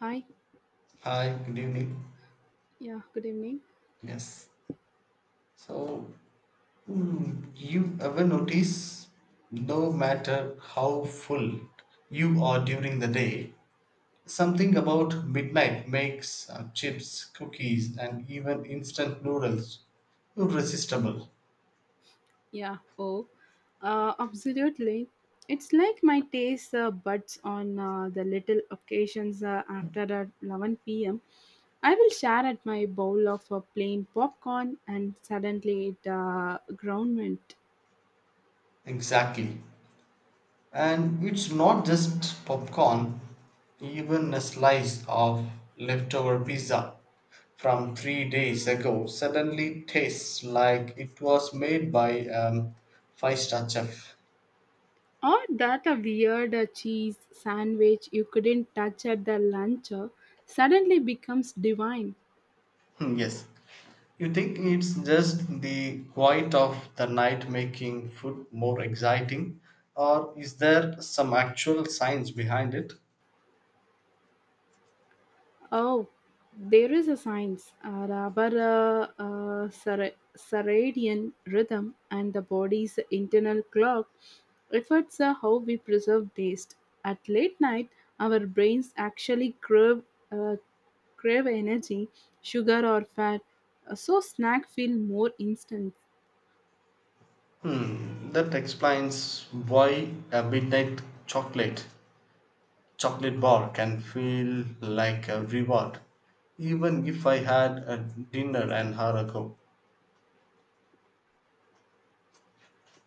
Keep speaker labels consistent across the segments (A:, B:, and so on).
A: Hi.
B: Hi, good evening.
A: Yeah, good evening.
B: Yes. So, you ever notice no matter how full you are during the day, something about midnight makes chips, cookies, and even instant noodles irresistible.
A: Yeah, oh. Absolutely. It's like my taste buds on the little occasions after the 11 p.m. I will share at my bowl of plain popcorn and suddenly it ground went.
B: Exactly. And it's not just popcorn, even a slice of leftover pizza from 3 days ago suddenly tastes like it was made by five-star chef.
A: Or that a weird cheese sandwich you couldn't touch at the lunch suddenly becomes divine.
B: Hmm, yes. You think it's just the quiet of the night making food more exciting, or is there some actual science behind it?
A: Oh, there is a science, Rabara circadian rhythm, and the body's internal clock affects how we preserve taste. At late night, our brains actually uh, crave energy, sugar, or fat, so snack feel more instant.
B: Hmm, that explains why a midnight chocolate chocolate bar can feel like a reward, even if I had a dinner an hour ago.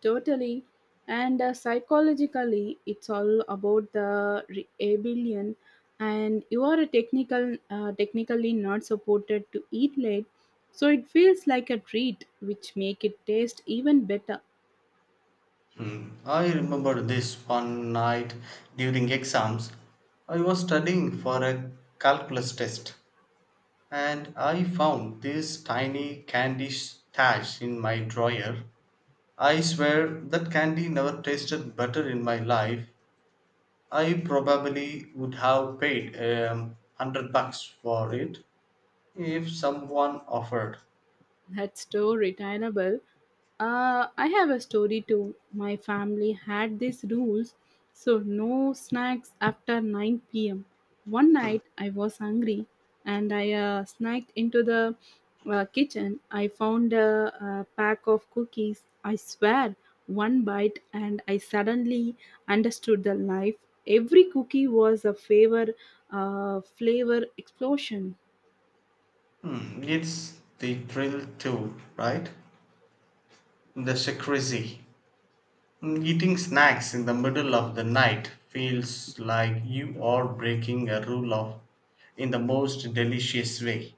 A: Totally. And psychologically, it's all about the rebellion. And you are technically not supported to eat late, so it feels like a treat, which make it taste even better.
B: Hmm. I remember this one night during exams. I was studying for a calculus test and I found this tiny candy stash in my drawer. I swear that candy never tasted better in my life. I probably would have paid 100 bucks for it if someone offered.
A: That's so retainable. I have a story too. My family had these rules, so no snacks after 9 pm. One night I was hungry and I snacked into the kitchen. I found a pack of cookies. I swear, one bite, and I suddenly understood the life. Every cookie was a flavor explosion.
B: Hmm, it's the thrill too, right? The secrecy. Hmm, eating snacks in the middle of the night feels like you are breaking a rule of in the most delicious way.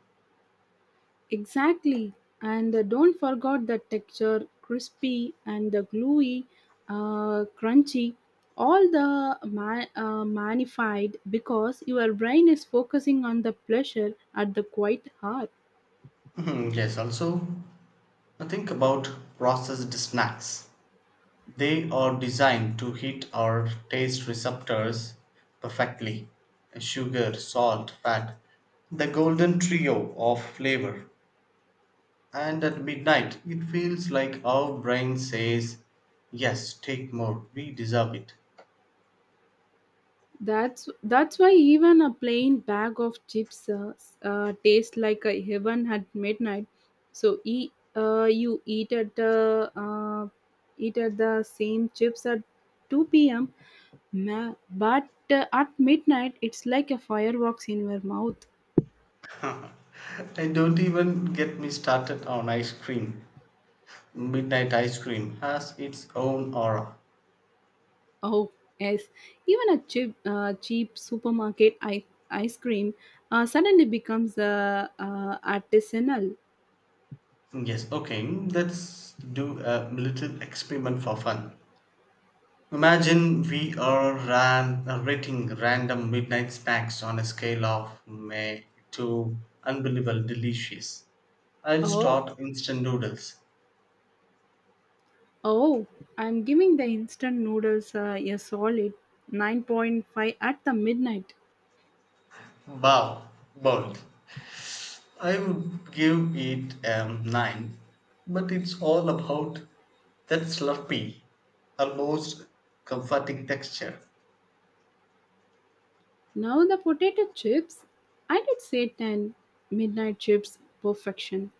A: Exactly, and don't forget the texture, crispy and the gluey, crunchy, all the magnified because your brain is focusing on the pleasure at the quite heart.
B: Hmm, yes, also think about processed snacks. They are designed to hit our taste receptors perfectly. Sugar, salt, fat, the golden trio of flavor. And at midnight, it feels like our brain says, "Yes, take more, we deserve it."
A: That's why even a plain bag of chips tastes like a heaven at midnight. So eat at the same chips at 2 p.m. But at midnight, it's like a fireworks in your mouth.
B: And don't even get me started on ice cream. Midnight ice cream has its own aura.
A: Oh, yes. Even a cheap supermarket ice cream suddenly becomes artisanal.
B: Yes, okay, let's do a little experiment for fun. Imagine we are rating random midnight snacks on a scale of meh to unbelievable delicious. I'll
A: Oh,
B: start instant noodles.
A: oh, I'm giving the instant noodles a solid 9.5 at the midnight.
B: Wow, bold. I would give it a 9, but it's all about that slurpy, almost comforting texture.
A: Now the potato chips, I did say 10, midnight chips perfection.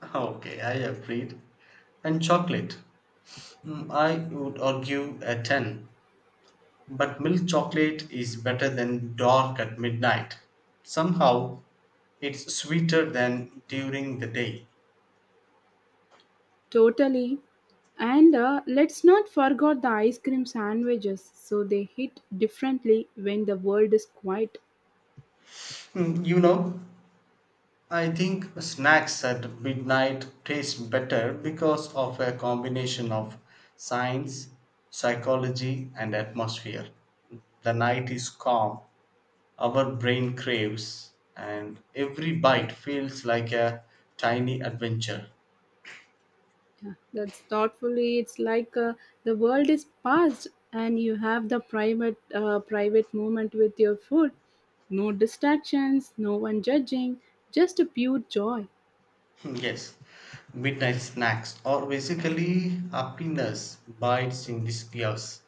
B: Okay, I agreed. And chocolate. Mm, I would argue a 10, but milk chocolate is better than dark at midnight. Somehow, it's sweeter than during the day.
A: Totally. And let's not forget the ice cream sandwiches. So they hit differently when the world is quiet.
B: Mm, you know, I think snacks at midnight taste better because of a combination of science, psychology, and atmosphere. The night is calm, our brain craves, and every bite feels like a tiny adventure.
A: Yeah, that's thoughtfully. It's like the world is past, and you have the private moment with your food. No distractions, no one judging, just a pure joy.
B: Hmm, yes, midnight snacks or basically happiness bites in disguise.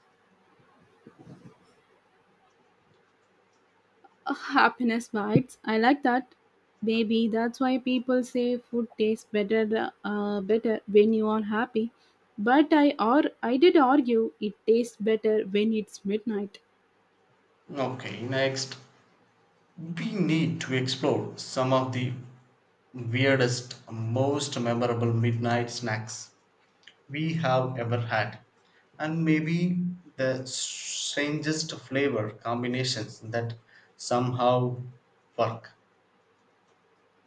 A: Happiness bites. I like that. Maybe that's why people say food tastes better when you are happy. But I did argue it tastes better when it's midnight.
B: Okay, next, we need to explore some of the weirdest, most memorable midnight snacks we have ever had, and maybe the strangest flavor combinations that somehow work.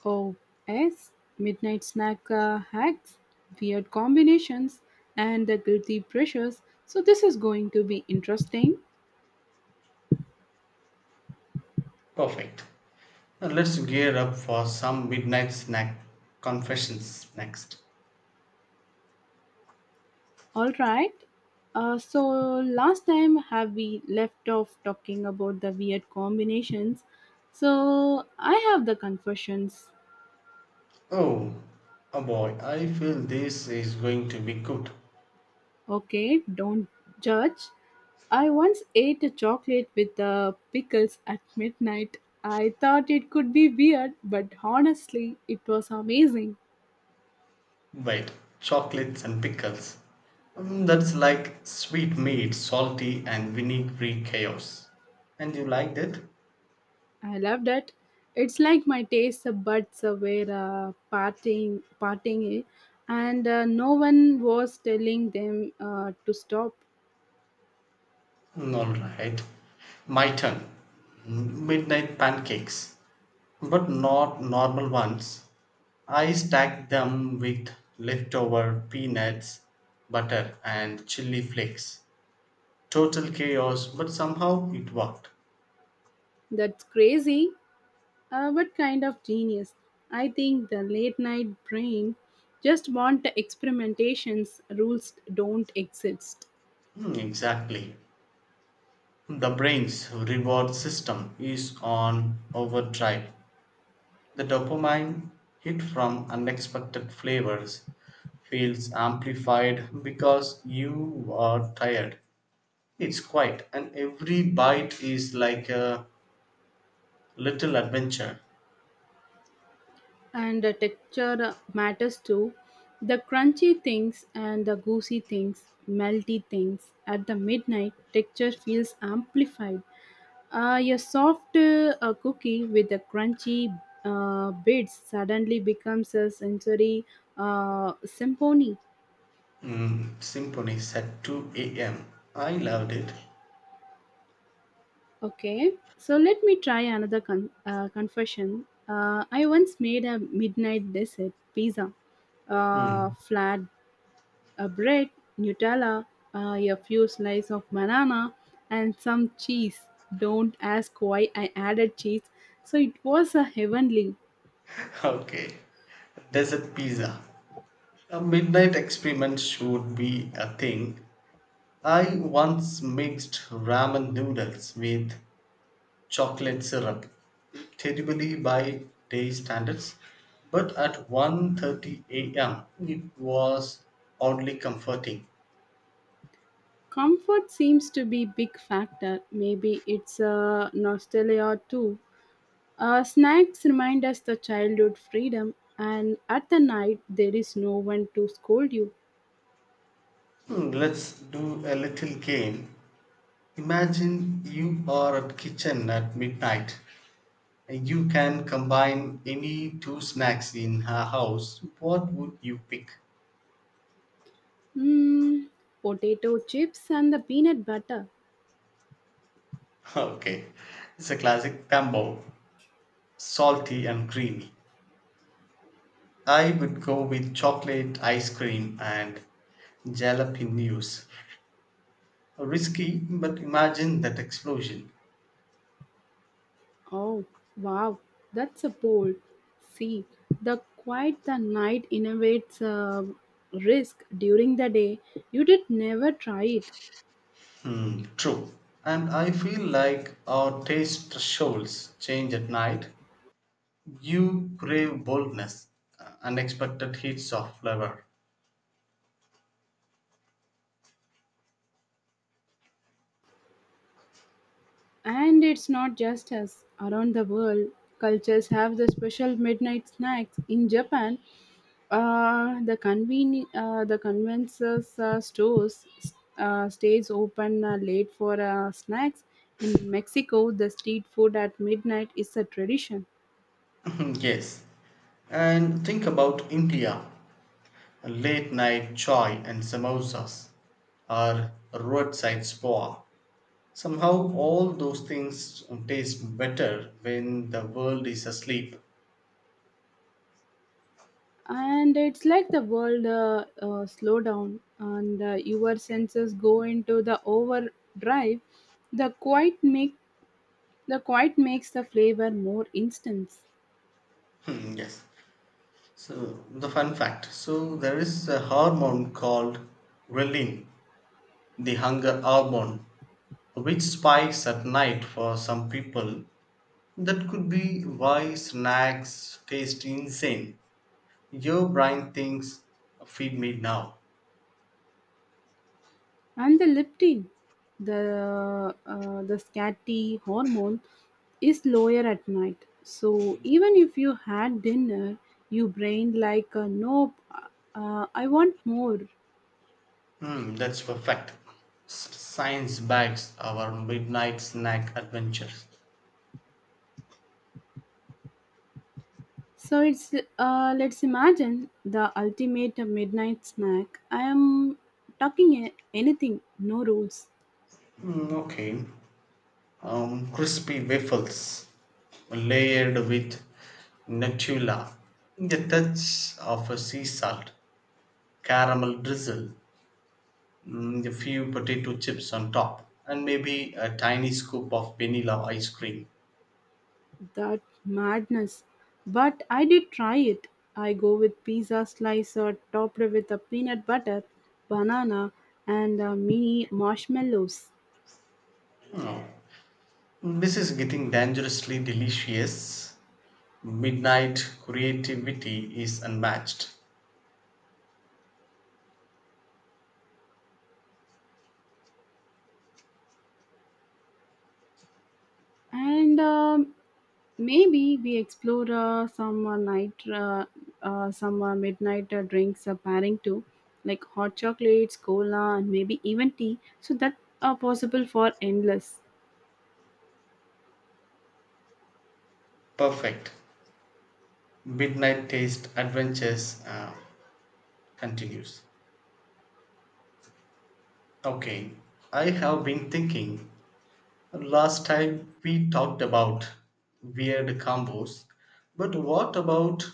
A: Oh, yes, midnight snack hacks, weird combinations, and the guilty pressures. So this is going to be interesting.
B: Perfect. Now let's gear up for some midnight snack confessions next.
A: All right. So last time have we left off talking about the weird combinations. So I have the confessions.
B: Oh, oh boy, I feel this is going to be good.
A: Okay, don't judge. I once ate a chocolate with the pickles at midnight. I thought it could be weird, but honestly, it was amazing.
B: Wait, chocolates and pickles. Mm, that's like sweet meat, salty and vinegary chaos. And you liked it?
A: I love that. It's like my taste buds were parting, and no one was telling them to stop.
B: Mm, alright. My turn. Mm, midnight pancakes. But not normal ones. I stacked them with leftover peanuts, butter, and chili flakes. Total chaos, but somehow it worked.
A: That's crazy, but kind of genius. I think the late night brain just want experimentations. Rules don't exist.
B: Mm, exactly. The brain's reward system is on overdrive. The dopamine hit from unexpected flavors feels amplified because you are tired. It's quiet, and every bite is like a little adventure.
A: And the texture matters too. The crunchy things and the goosey things, melty things at the midnight, texture feels amplified. A soft cookie with the crunchy bits suddenly becomes a sensory symphony.
B: Mm, symphonies at 2 a.m. I loved it.
A: Okay, so let me try another confession. I once made a midnight dessert pizza,
B: Hmm.
A: flat a bread, Nutella, a few slices of banana, and some cheese. Don't ask why I added cheese. So it was a heavenly.
B: Okay. Desert pizza. A midnight experiment should be a thing. I once mixed ramen noodles with chocolate syrup, terribly by day standards, but at 1:30 a.m. it was oddly comforting.
A: Comfort seems to be big factor. Maybe it's a nostalgia too. Snacks remind us the childhood freedom, and at the night there is no one to scold you.
B: Hmm, let's do a little game. Imagine you are at kitchen at midnight. You can combine any two snacks in her house. What would you pick?
A: Mm, potato chips and the peanut butter.
B: Okay, it's a classic combo, salty and creamy. I would go with chocolate ice cream and jalapenos. Risky, but imagine that explosion.
A: Oh, wow, that's a bold. See, the quiet the night innovates a risk during the day. You did never try it.
B: Hmm, true. And I feel like our taste thresholds change at night. You crave boldness, unexpected hits of flavor.
A: And it's not just us. Around the world, cultures have the special midnight snacks. In Japan, the convenience stores stays open late for snacks. In Mexico, the street food at midnight is a tradition.
B: Yes. And think about India late night chai and samosas, or roadside spa. Somehow, all those things taste better when the world is asleep.
A: And it's like the world slow down and your senses go into the overdrive. the quiet make the quiet makes the flavor more instant.
B: Hmm, yes. So, the fun fact so, there is a hormone called ghrelin, the hunger hormone, which spikes at night for some people. That could be why snacks taste insane. Your brain thinks, feed me now.
A: And the leptin, the scat hormone is lower at night, so even if you had dinner your brain like nope, I want more.
B: Hmm, that's perfect. Science backs our midnight snack adventures.
A: So it's let's imagine the ultimate midnight snack. I am talking anything, no rules.
B: Mm, okay. Crispy waffles layered with Nutella, a touch of a sea salt, caramel drizzle, mm, a few potato chips on top, and maybe a tiny scoop of vanilla ice cream.
A: That madness. But I did try it. I go with pizza slicer topped with a peanut butter, banana, and mini marshmallows.
B: Oh. This is getting dangerously delicious. Midnight creativity is unmatched.
A: And maybe we explore some night some midnight drinks pairing too, like hot chocolates, cola, and maybe even tea, so that are possible for endless.
B: Perfect. Midnight taste adventures continues. Okay, I have been thinking. Last time we talked about weird combos, but what about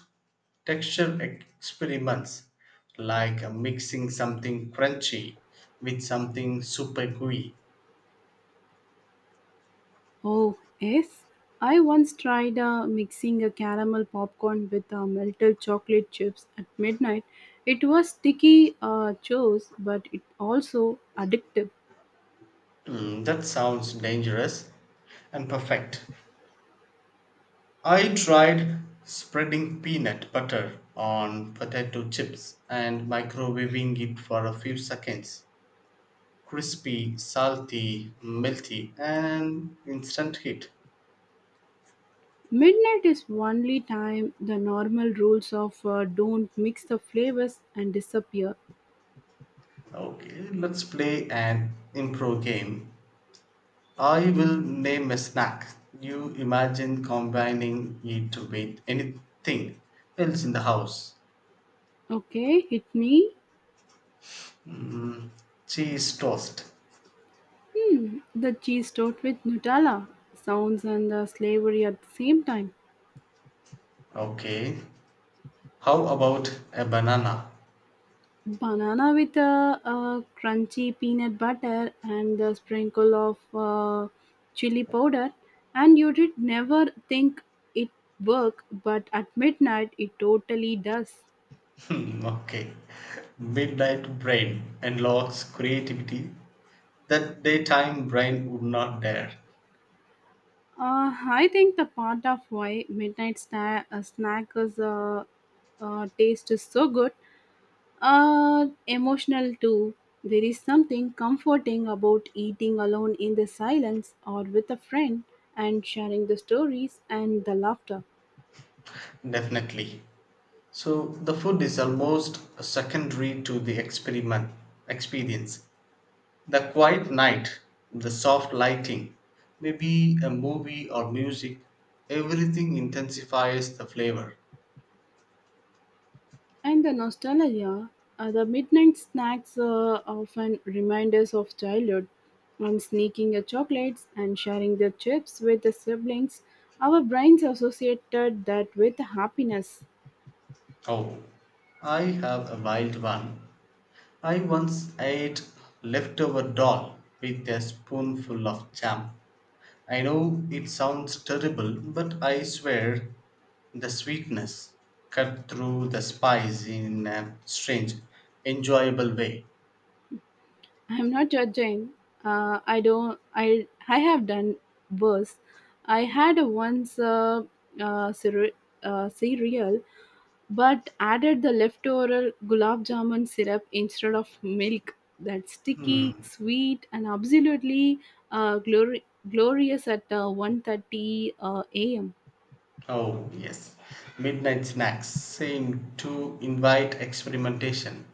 B: texture experiments like mixing something crunchy with something super gooey?
A: Oh yes, I once tried mixing a caramel popcorn with melted chocolate chips at midnight. It was sticky, chose, but it also addictive.
B: Mm, that sounds dangerous and perfect. I tried spreading peanut butter on potato chips and microwaving it for a few seconds. Crispy, salty, melty, and instant hit.
A: Midnight is only time the normal rules of don't mix the flavors and disappear.
B: Okay, let's play an improv game. I will name a snack. You imagine combining it with anything else in the house.
A: Okay, hit me.
B: Cheese toast.
A: Hmm, the cheese toast with Nutella. Sounds and the slavery at the same time.
B: Okay. How about a banana?
A: Banana with a crunchy peanut butter and a sprinkle of chili powder. And you did never think it work, but at midnight it totally does.
B: Hmm, okay. Midnight brain unlocks creativity that daytime brain would not dare.
A: I think the part of why midnight snack is taste is so good, emotional too. There is something comforting about eating alone in the silence or with a friend and sharing the stories and the laughter.
B: Definitely. So the food is almost secondary to the experiment experience. The quiet night, the soft lighting, maybe a movie or music, everything intensifies the flavor.
A: And the nostalgia, the midnight snacks often remind us of childhood. And sneaking the chocolates and sharing the chips with the siblings, our brains associated that with happiness.
B: Oh, I have a wild one. I once ate leftover dal with a spoonful of jam. I know it sounds terrible, but I swear the sweetness cut through the spice in a strange, enjoyable way.
A: I'm not judging. I don't. I have done worse. I had once uh, cere- cereal but added the leftover gulab jamun syrup instead of milk. That sticky, sweet, and absolutely uh, glori- glorious at 1:30 a.m.
B: Oh, yes. Midnight snacks seem to invite experimentation.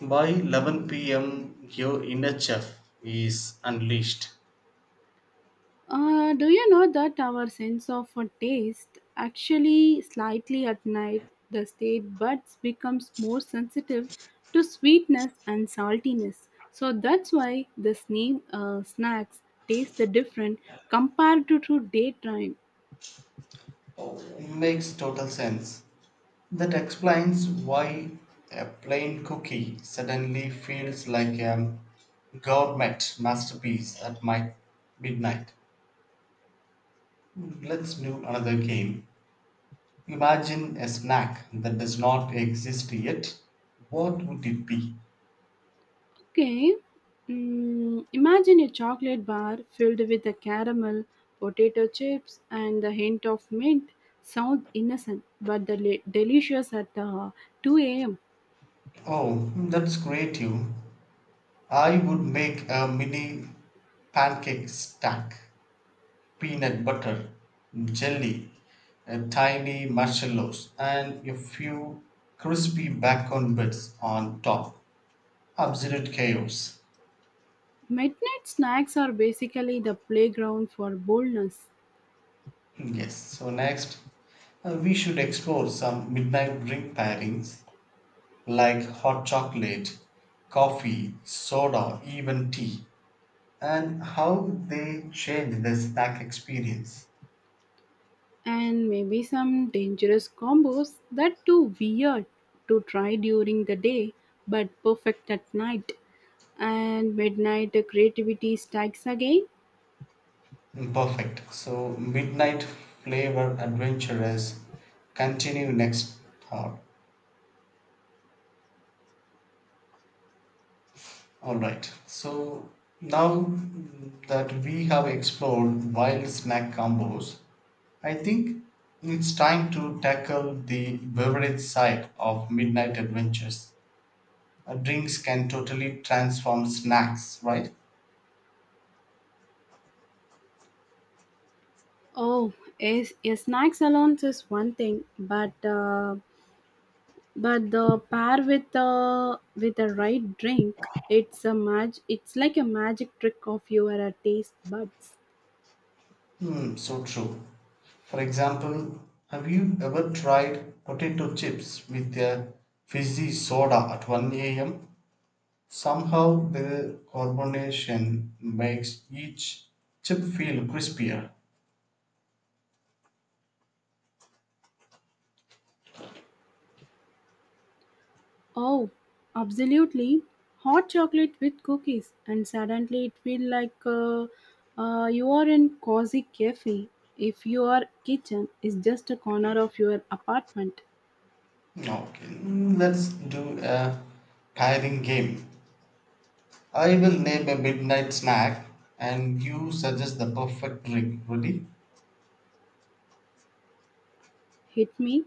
B: By 11 p.m., your inner chef is unleashed.
A: Do you know that our sense of taste actually slightly at night, the state buds becomes more sensitive to sweetness and saltiness. So that's why the snacks taste the different compared to daytime.
B: Makes total sense. That explains why a plain cookie suddenly feels like a gourmet masterpiece at my midnight. Let's do another game. Imagine a snack that does not exist yet. What would it be?
A: Okay. Imagine a chocolate bar filled with a caramel, potato chips, and a hint of mint. Sounds innocent, but the delicious at 2 a.m.
B: Oh, that's creative. I would make a mini pancake stack peanut butter, jelly, tiny marshmallows, and a few crispy bacon bits on top. Absolute chaos.
A: Midnight snacks are basically the playground for boldness,
B: Yes, so next we should explore some midnight drink pairings like hot chocolate, coffee, soda, even tea, and how they change the snack experience.
A: and maybe some dangerous combos that too weird to try during the day, but perfect at night, and midnight creativity strikes again.
B: Mm, perfect. So, Midnight Flavor Adventurers continue next hour. Alright. So, now that we have explored wild snack combos, I think it's time to tackle the beverage side of Midnight Adventures. Drinks can totally transform snacks, right?
A: Oh, is snacks alone is one thing, but but the pair with the right drink, it's a mag. It's like a magic trick of your taste buds.
B: Hmm, so true. For example, have you ever tried potato chips with a fizzy soda at 1 a.m.? Somehow the carbonation makes each chip feel crispier.
A: Oh, absolutely! Hot chocolate with cookies, and suddenly it feels like you are in cozy cafe. If your kitchen is just a corner of your apartment.
B: Okay, mm, let's do a pairing game. I will name a midnight snack and you suggest the perfect drink. Ready?
A: Hit me.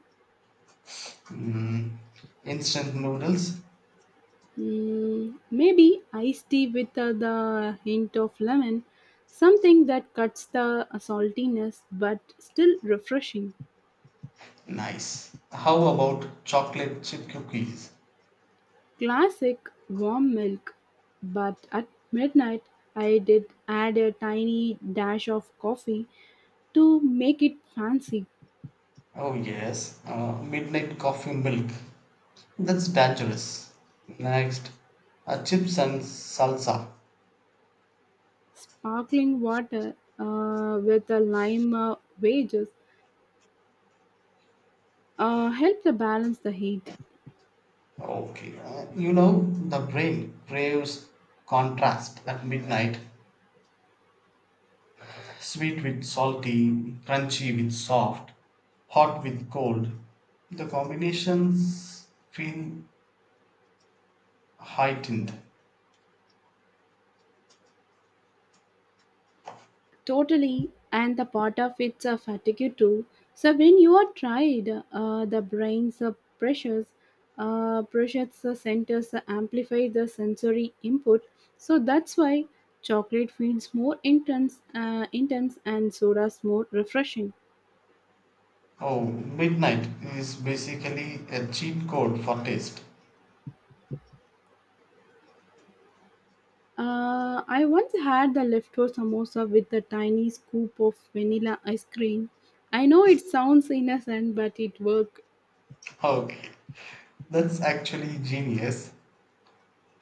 B: Mm, instant noodles?
A: Maybe iced tea with the hint of lemon, something that cuts the saltiness but still refreshing.
B: Nice. How about chocolate chip cookies?
A: Classic warm milk, but at midnight I did add a tiny dash of coffee to make it fancy.
B: Oh yes, midnight coffee milk. That's dangerous. Next, chips and salsa.
A: Sparkling water with the lime wedges helped to balance the heat.
B: Okay, you know the brain craves contrast at midnight. Sweet with salty, crunchy with soft, hot with cold. The combinations feel heightened.
A: Totally, and the part of it's a fatigue too. So when you are tired, the brain's pressures, pressures the centers amplify the sensory input. So that's why chocolate feels more intense, and soda's more refreshing.
B: Oh, midnight is basically a cheat code for taste.
A: I once had the leftover samosa with a tiny scoop of vanilla ice cream. I know it sounds innocent, but it worked.
B: Okay, that's actually genius.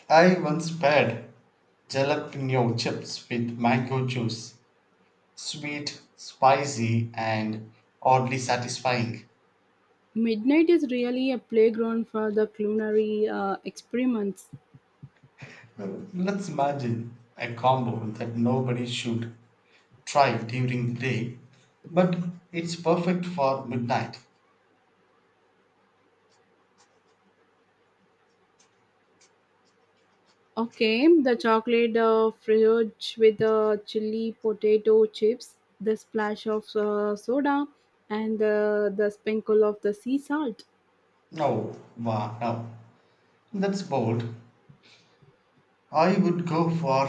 B: I once paired jalapeno chips with mango juice sweet, spicy, and oddly satisfying.
A: Midnight is really a playground for the culinary experiments.
B: Let's imagine a combo that nobody should try during the day, but it's perfect for midnight.
A: Okay, the chocolate fudge with the chili potato chips, the splash of soda, and the sprinkle of the sea salt.
B: No, wow, no. That's bold. I would go for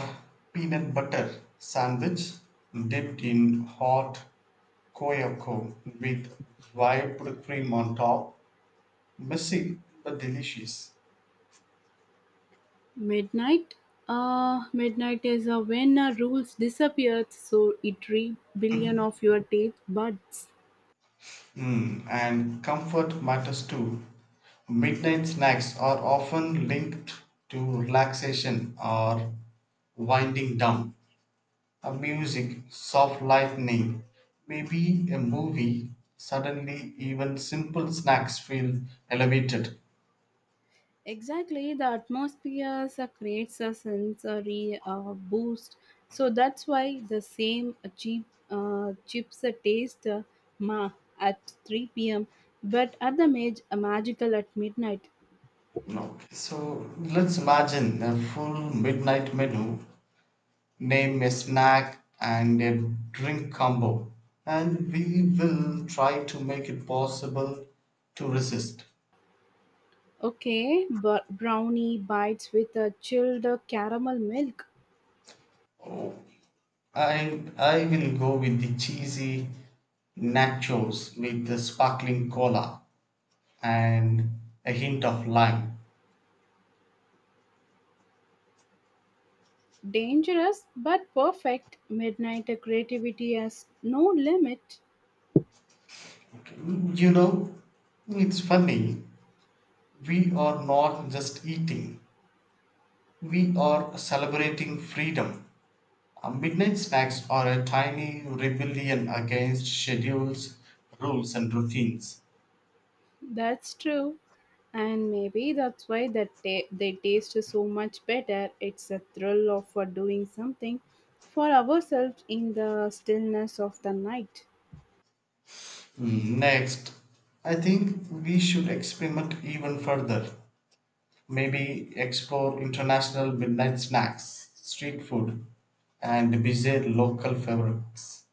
B: peanut butter sandwich dipped in hot Koyako with whipped cream on top. Messy but delicious.
A: Midnight? Midnight is when rules disappear, so it re billion of your taste buds.
B: Mm, and comfort matters too. Midnight snacks are often linked to relaxation or winding down. A music, soft lightning, maybe a movie. Suddenly, even simple snacks feel elevated.
A: Exactly, the atmosphere creates a sensory boost. So that's why the same cheap chips taste ma at 3 p.m. but at the magical at midnight.
B: Okay, so let's imagine a full midnight menu. Name a snack and a drink combo, and we will try to make it possible to resist.
A: Okay, but brownie bites with a chilled caramel milk.
B: I will go with the cheesy nachos with the sparkling cola and a hint of lime.
A: Dangerous but perfect. Midnight creativity has no limit.
B: Okay, you know, it's funny. We are not just eating; we are celebrating freedom. Midnight snacks are a tiny rebellion against schedules, rules, and routines.
A: That's true. And maybe that's why that they taste so much better. It's a thrill of doing something for ourselves in the stillness of the night.
B: Mm, next, I think we should experiment even further. Maybe explore international midnight snacks, street food, and visit local favorites.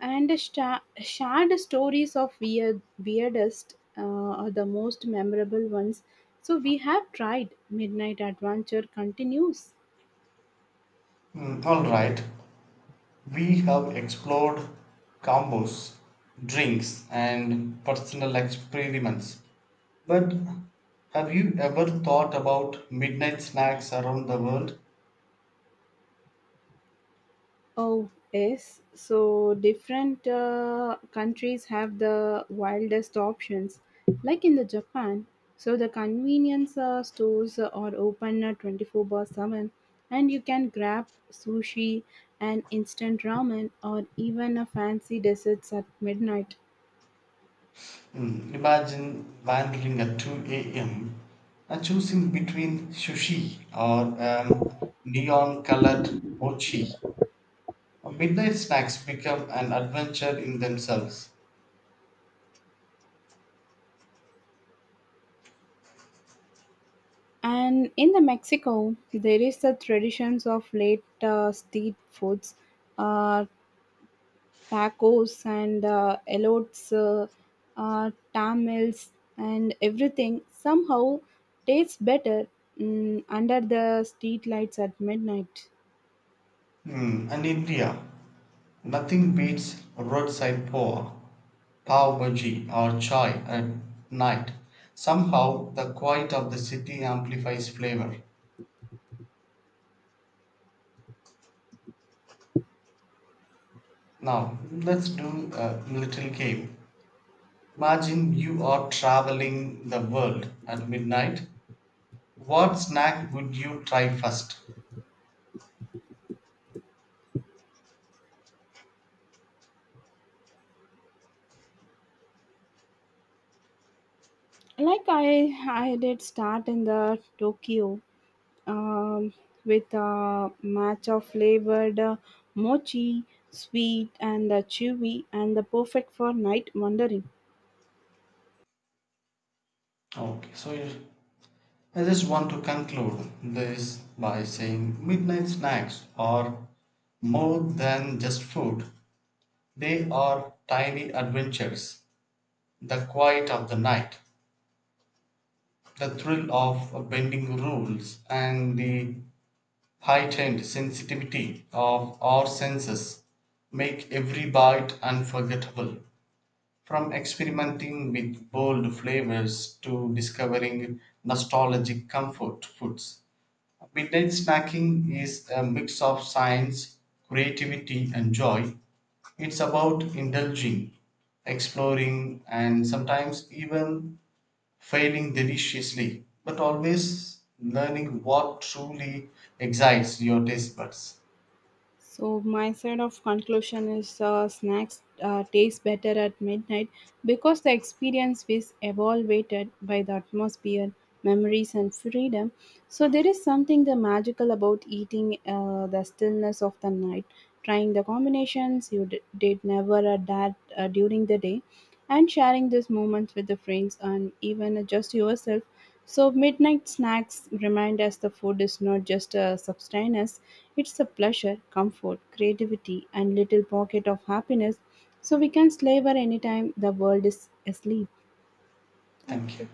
A: And the shared stories of weirdest are the most memorable ones. So we have tried. Midnight Adventure continues.
B: Mm, all right, we have explored combos, drinks, and personal experiments. But have you ever thought about midnight snacks around the world?
A: Oh, yes. So different countries have the wildest options. Like in the Japan, so the convenience stores are open 24 bar 7, and you can grab sushi and instant ramen or even a fancy desserts at midnight.
B: Hmm, imagine wandering at 2 a.m. and choosing between sushi or neon colored mochi. Midnight snacks become an adventure in themselves.
A: And in the Mexico, there is the traditions of late street foods, uh, tacos, and elotes, tamales, and everything somehow tastes better under the street lights at midnight.
B: Hmm, and India, nothing beats roadside poha, pav bhaji, or chai at night. Somehow, the quiet of the city amplifies flavor. Now, let's do a little game. Imagine you are traveling the world at midnight. What snack would you try first?
A: Like I did start in the Tokyo um, with a match of flavored mochi, sweet and chewy, and the perfect for night wandering.
B: Okay, so you- I just want to conclude this by saying midnight snacks are more than just food. They are tiny adventures the quiet of the night, the thrill of bending rules, and the heightened sensitivity of our senses make every bite unforgettable. From experimenting with bold flavors to discovering nostalgic comfort foods, midnight snacking is a mix of science, creativity, and joy. It's about indulging, exploring, and sometimes even failing deliciously, but always learning what truly excites your taste buds.
A: So my side of conclusion is snacks taste better at midnight because the experience is evaluated by the atmosphere, memories, and freedom. So there is something the magical about eating the stillness of the night, trying the combinations you did never that during the day, and sharing these moments with the friends and even just yourself. So, midnight snacks remind us the food is not just a sustenance, it's a pleasure, comfort, creativity, and little pocket of happiness. So, we can slave at any time the world is asleep. Thank
B: Thank you.
A: you.